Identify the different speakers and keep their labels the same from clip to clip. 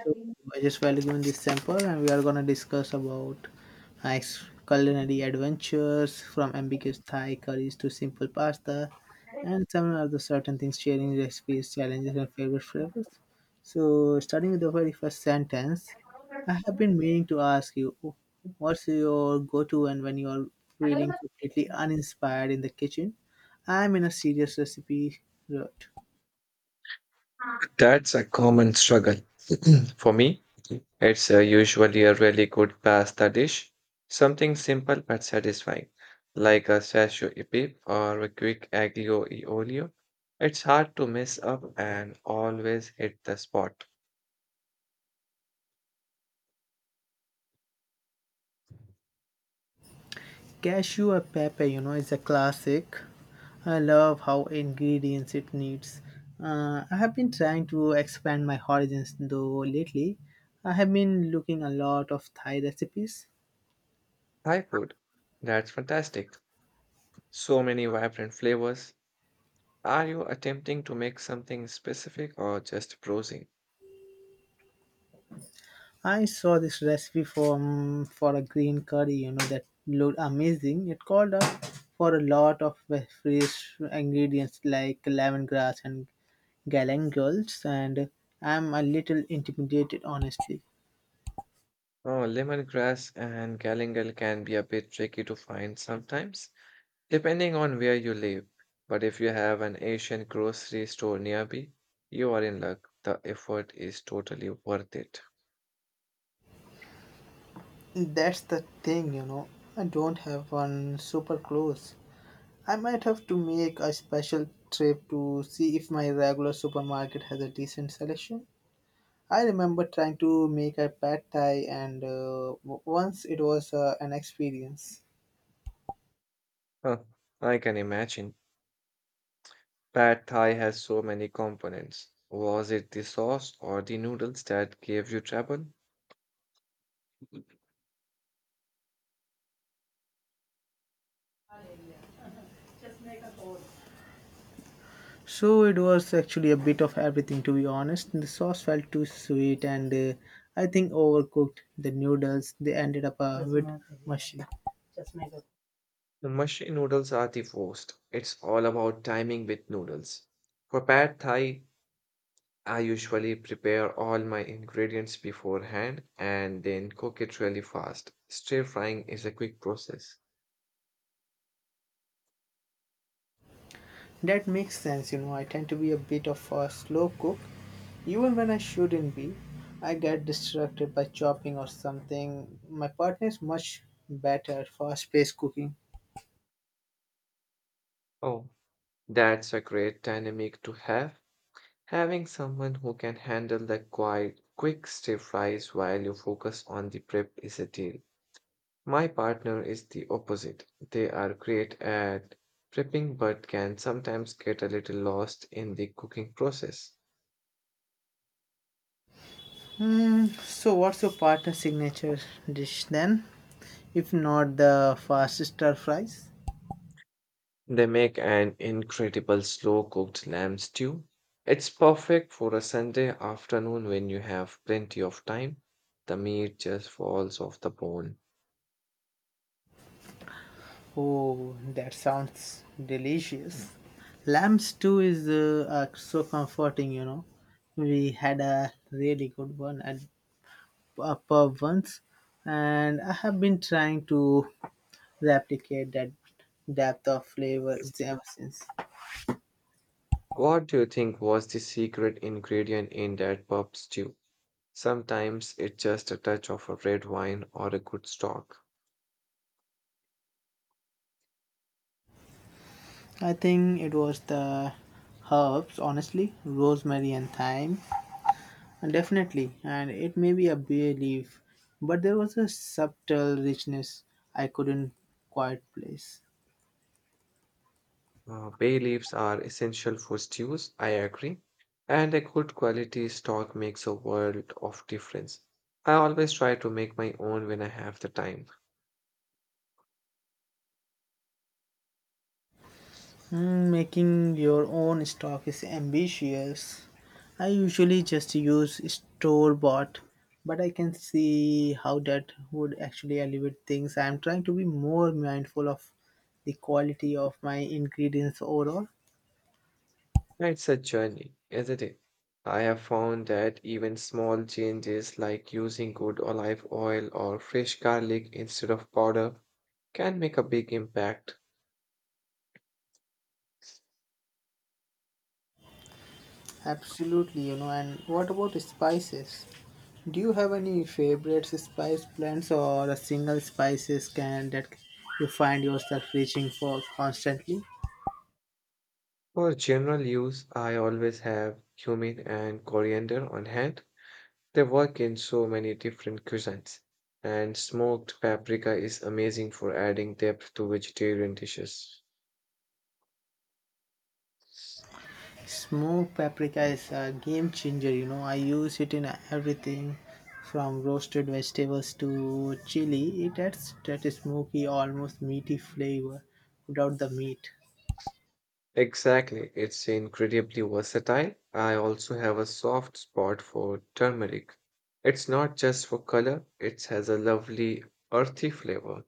Speaker 1: So I just while given this sample, and we are gonna discuss about nice culinary adventures from ambiguous Thai curries to simple pasta, and some other certain things, sharing recipes, challenges, and favorite flavors. So starting with the very first sentence, I have been meaning to ask you, what's your go-to and when you are feeling completely uninspired in the kitchen? I'm in a serious recipe rut.
Speaker 2: That's a common struggle. For me, it's usually a really good pasta dish, something simple but satisfying, like a sasho e pepe or a quick aglio e olio. It's hard to mess up and always hit the spot.
Speaker 1: Cashew or pepper, you know, is a classic. I love how ingredients it needs. I have been trying to expand my horizons though lately. I have been looking a lot of Thai recipes.
Speaker 2: Thai food, that's fantastic. So many vibrant flavors. Are you attempting to make something specific or just browsing?
Speaker 1: I saw this recipe from for a green curry, you know, that looked amazing. It called up for a lot of fresh ingredients like lemongrass and galangal, and I'm a little intimidated, honestly.
Speaker 2: Oh, lemongrass and galangal can be a bit tricky to find sometimes. Depending on where you live, but if you have an Asian grocery store nearby, you are in luck. The effort is totally worth it.
Speaker 1: That's the thing, you know. I don't have one super close. I might have to make a special trip to see if my regular supermarket has a decent selection. I remember trying to make a pad thai, and once it was an experience.
Speaker 2: Huh, I can imagine. Pad Thai has so many components. Was it the sauce or the noodles that gave you trouble?
Speaker 1: So it was actually a bit of everything, to be honest. The sauce felt too sweet, and I think overcooked the noodles. They ended up a bit mushy.
Speaker 2: The mushy noodles are the worst. It's all about timing with noodles. For Pad Thai, I usually prepare all my ingredients beforehand and then cook it really fast. Stir frying is a quick process.
Speaker 1: That makes sense, you know. I tend to be a bit of a slow cook. Even when I shouldn't be, I get distracted by chopping or something. My partner is much better at fast paced cooking.
Speaker 2: Oh, that's a great dynamic to have. Having someone who can handle the quiet, quick stir fries while you focus on the prep is a deal. My partner is the opposite. They are great at prepping but can sometimes get a little lost in the cooking process.
Speaker 1: So, what's your partner's signature dish then? If not the fast stir fries?
Speaker 2: They make an incredible slow cooked lamb stew. It's perfect for a Sunday afternoon when you have plenty of time. The meat just falls off the bone.
Speaker 1: Oh, that sounds delicious. Lamb stew is so comforting, you know. We had a really good one at upper ones, and I have been trying to replicate that depth of flavor ever since.
Speaker 2: What do you think was the secret ingredient in that pub stew? Sometimes it's just a touch of a red wine or a good stock.
Speaker 1: I think it was the herbs, honestly, rosemary and thyme, and definitely, and it may be a bay leaf, but there was a subtle richness I couldn't quite place.
Speaker 2: Bay leaves are essential for stews, I agree, and a good quality stock makes a world of difference. I always try to make my own when I have the time.
Speaker 1: Making your own stock is ambitious. I usually just use store bought, but I can see how that would actually elevate things. I am trying to be more mindful of the quality of my ingredients overall.
Speaker 2: It's a journey, isn't it? I have found that even small changes like using good olive oil or fresh garlic instead of powder can make a big impact.
Speaker 1: Absolutely, you know. And what about spices? Do you have any favorite spice blends or a single spices can that you find yourself reaching for constantly?
Speaker 2: For general use, I always have cumin and coriander on hand. They work in so many different cuisines, and smoked paprika is amazing for adding depth to vegetarian dishes.
Speaker 1: Smoked paprika is a game changer, you know. I use it in everything from roasted vegetables to chili. It adds that smoky, almost meaty flavor without the meat.
Speaker 2: Exactly, it's incredibly versatile. I also have a soft spot for turmeric. It's not just for color, it has a lovely earthy flavor.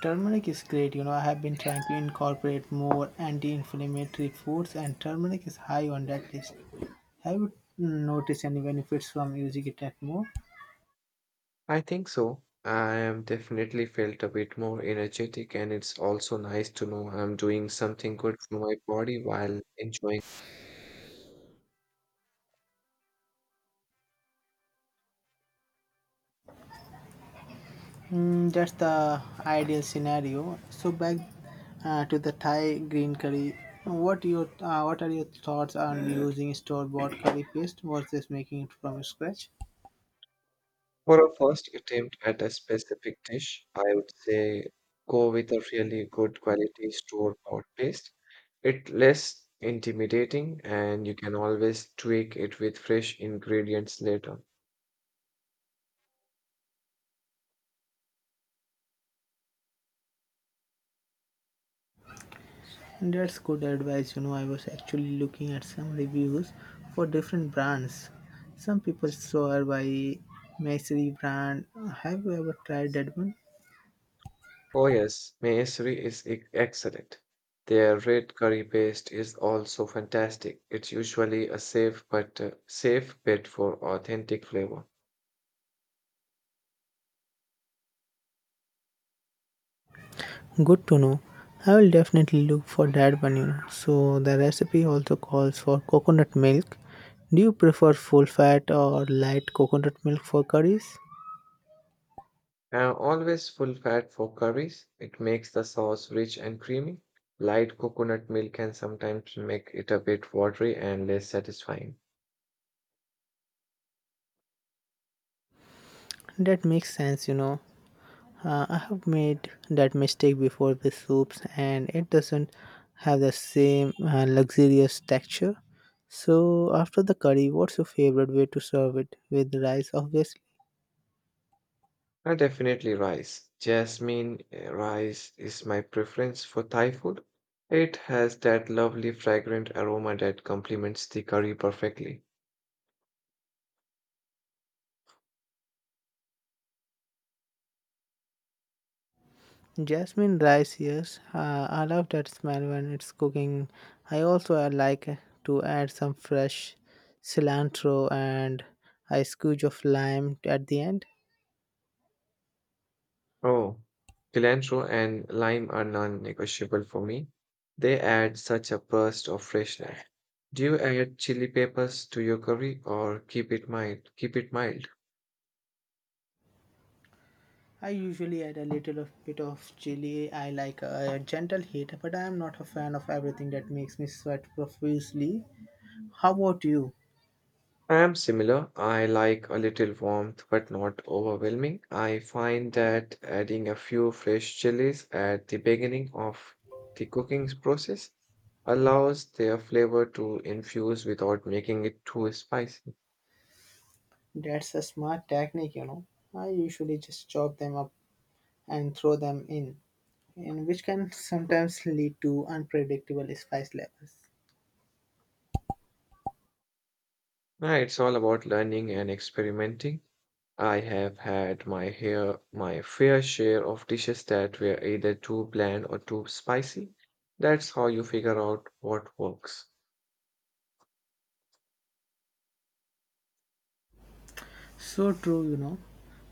Speaker 1: Turmeric is great, you know. I have been trying to incorporate more anti inflammatory foods, and turmeric is high on that list. Have you noticed any benefits from using it at more?
Speaker 2: I think so. I am definitely felt a bit more energetic, and it's also nice to know I'm doing something good for my body while enjoying.
Speaker 1: Mm, that's the ideal scenario. So back to the Thai green curry. What are your thoughts on using store-bought curry paste versus making it from scratch?
Speaker 2: For a first attempt at a specific dish, I would say go with a really good quality store-bought paste. It's less intimidating and you can always tweak it with fresh ingredients later.
Speaker 1: And that's good advice. You know, I was actually looking at some reviews for different brands. Some people swear by Maisry brand. Have you ever tried that one?
Speaker 2: Oh yes, Mayasuri is excellent. Their red curry paste is also fantastic. It's usually a safe but safe bet for authentic flavor.
Speaker 1: Good to know. I will definitely look for that one, you know. So the recipe also calls for coconut milk. Do you prefer full fat or light coconut milk for curries?
Speaker 2: Now, always full fat for curries. It makes the sauce rich and creamy. Light coconut milk can sometimes make it a bit watery and less satisfying.
Speaker 1: That makes sense, you know. I have made that mistake before with soups and it doesn't have the same luxurious texture. So after the curry, what's your favorite way to serve it? With rice, obviously.
Speaker 2: Now, definitely rice. Jasmine rice is my preference for Thai food. It has that lovely fragrant aroma that complements the curry perfectly.
Speaker 1: Jasmine rice, yes. I love that smell when it's cooking. I also like to add some fresh cilantro and a squeeze of lime at the end.
Speaker 2: Oh, cilantro and lime are non-negotiable for me. They add such a burst of freshness. Do you add chili peppers to your curry or keep it mild? Keep it mild.
Speaker 1: I usually add a little of bit of chili. I like a gentle heat, but I am not a fan of everything that makes me sweat profusely. How about you?
Speaker 2: I am similar. I like a little warmth but not overwhelming. I find that adding a few fresh chilies at the beginning of the cooking process allows their flavor to infuse without making it too spicy.
Speaker 1: That's a smart technique, you know. I usually just chop them up and throw them in, and which can sometimes lead to unpredictable spice levels.
Speaker 2: Yeah, it's all about learning and experimenting. I have had my hair, My fair share of dishes that were either too bland or too spicy. That's how you figure out what works.
Speaker 1: So true, you know.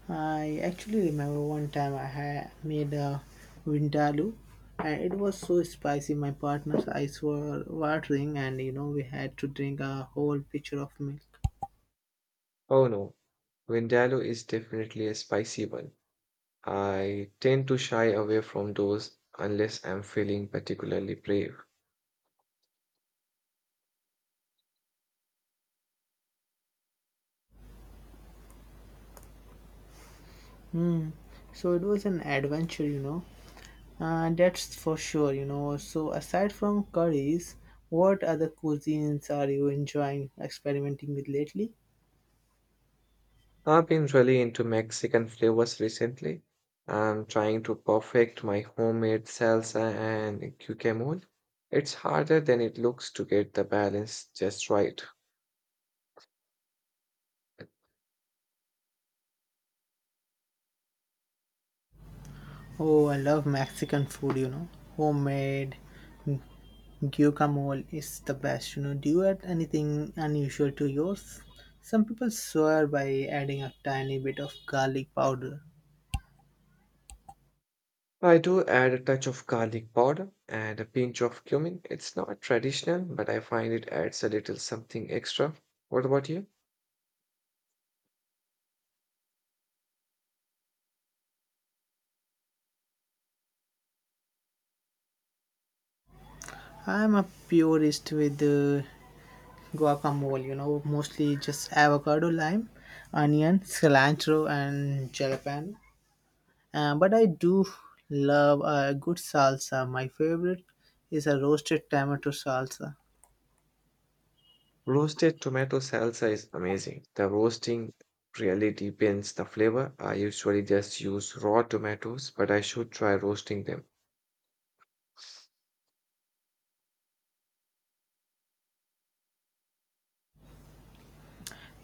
Speaker 1: I actually remember one time I had made a vindaloo and it was so spicy my partner's eyes were watering, and you know we had to drink a whole pitcher of milk.
Speaker 2: Oh no, Vindaloo is definitely a spicy one. I tend to shy away from those unless I'm feeling particularly brave.
Speaker 1: So it was an adventure, you know. And that's for sure, you know. So aside from curries, what other cuisines are you enjoying experimenting with lately?
Speaker 2: I've been really into Mexican flavors recently. I'm trying to perfect my homemade salsa and guacamole. It's harder than it looks to get the balance just right.
Speaker 1: Oh, I love Mexican food, you know. Homemade guacamole is the best. You know, do you add anything unusual to yours? Some people swear by adding a tiny bit of garlic powder.
Speaker 2: I do add a touch of garlic powder and a pinch of cumin. It's not traditional, but I find it adds a little something extra. What about you?
Speaker 1: I'm a purist with guacamole, you know, mostly just avocado, lime, onion, cilantro, and jalapeno. But I do love a good salsa. My favorite is a roasted tomato salsa.
Speaker 2: Roasted tomato salsa is amazing. The roasting really deepens the flavor. I usually just use raw tomatoes, but I should try roasting them.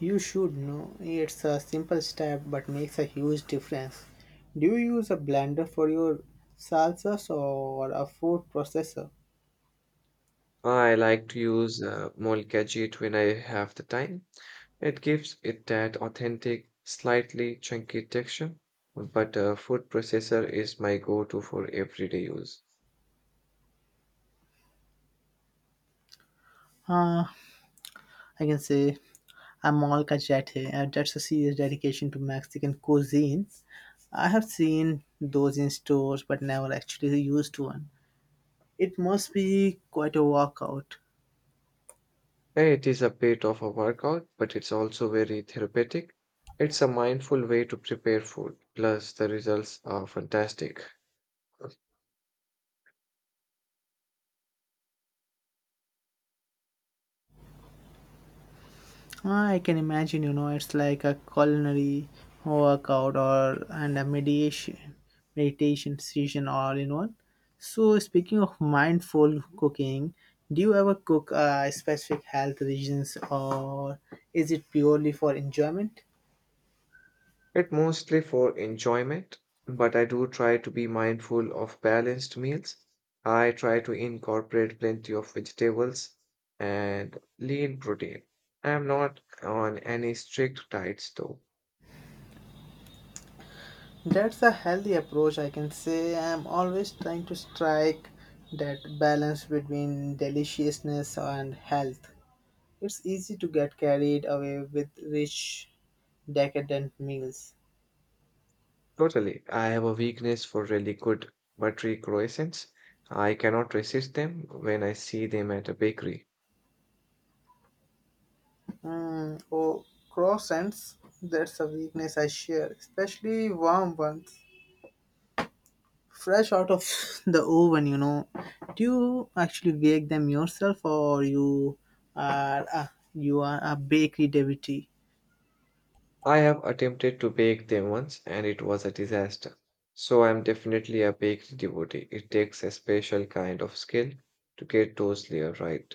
Speaker 1: You should know it's a simple step but makes a huge difference. Do you use a blender for your salsas or a food processor?
Speaker 2: I like to use molcajit when I have the time. It gives it that authentic, slightly chunky texture, but a food processor is my go-to for everyday use.
Speaker 1: Uh, I can say I'm all cachete, and that's a serious dedication to Mexican cuisine. I have seen those in stores but never actually used one. It must be quite a workout.
Speaker 2: Yeah, it is a bit of a workout, but it's also very therapeutic. It's a mindful way to prepare food, plus the results are fantastic.
Speaker 1: I can imagine, you know, it's like a culinary workout or and a meditation session all in one. So speaking of mindful cooking, do you ever cook specific health reasons or is it purely for enjoyment?
Speaker 2: It's mostly for enjoyment, but I do try to be mindful of balanced meals. I try to incorporate plenty of vegetables and lean protein. I'm not on any strict diets though.
Speaker 1: That's a healthy approach, I can say. I'm always trying to strike that balance between deliciousness and health. It's easy to get carried away with rich, decadent meals.
Speaker 2: Totally. I have a weakness for really good buttery croissants. I cannot resist them when I see them at a bakery.
Speaker 1: Mm, oh, croissants, that's a weakness I share, especially warm ones. Fresh out of the oven, you know. Do you actually bake them yourself or you are a bakery devotee?
Speaker 2: I have attempted to bake them once and it was a disaster. So I'm definitely a bakery devotee. It takes a special kind of skill to get those layers right.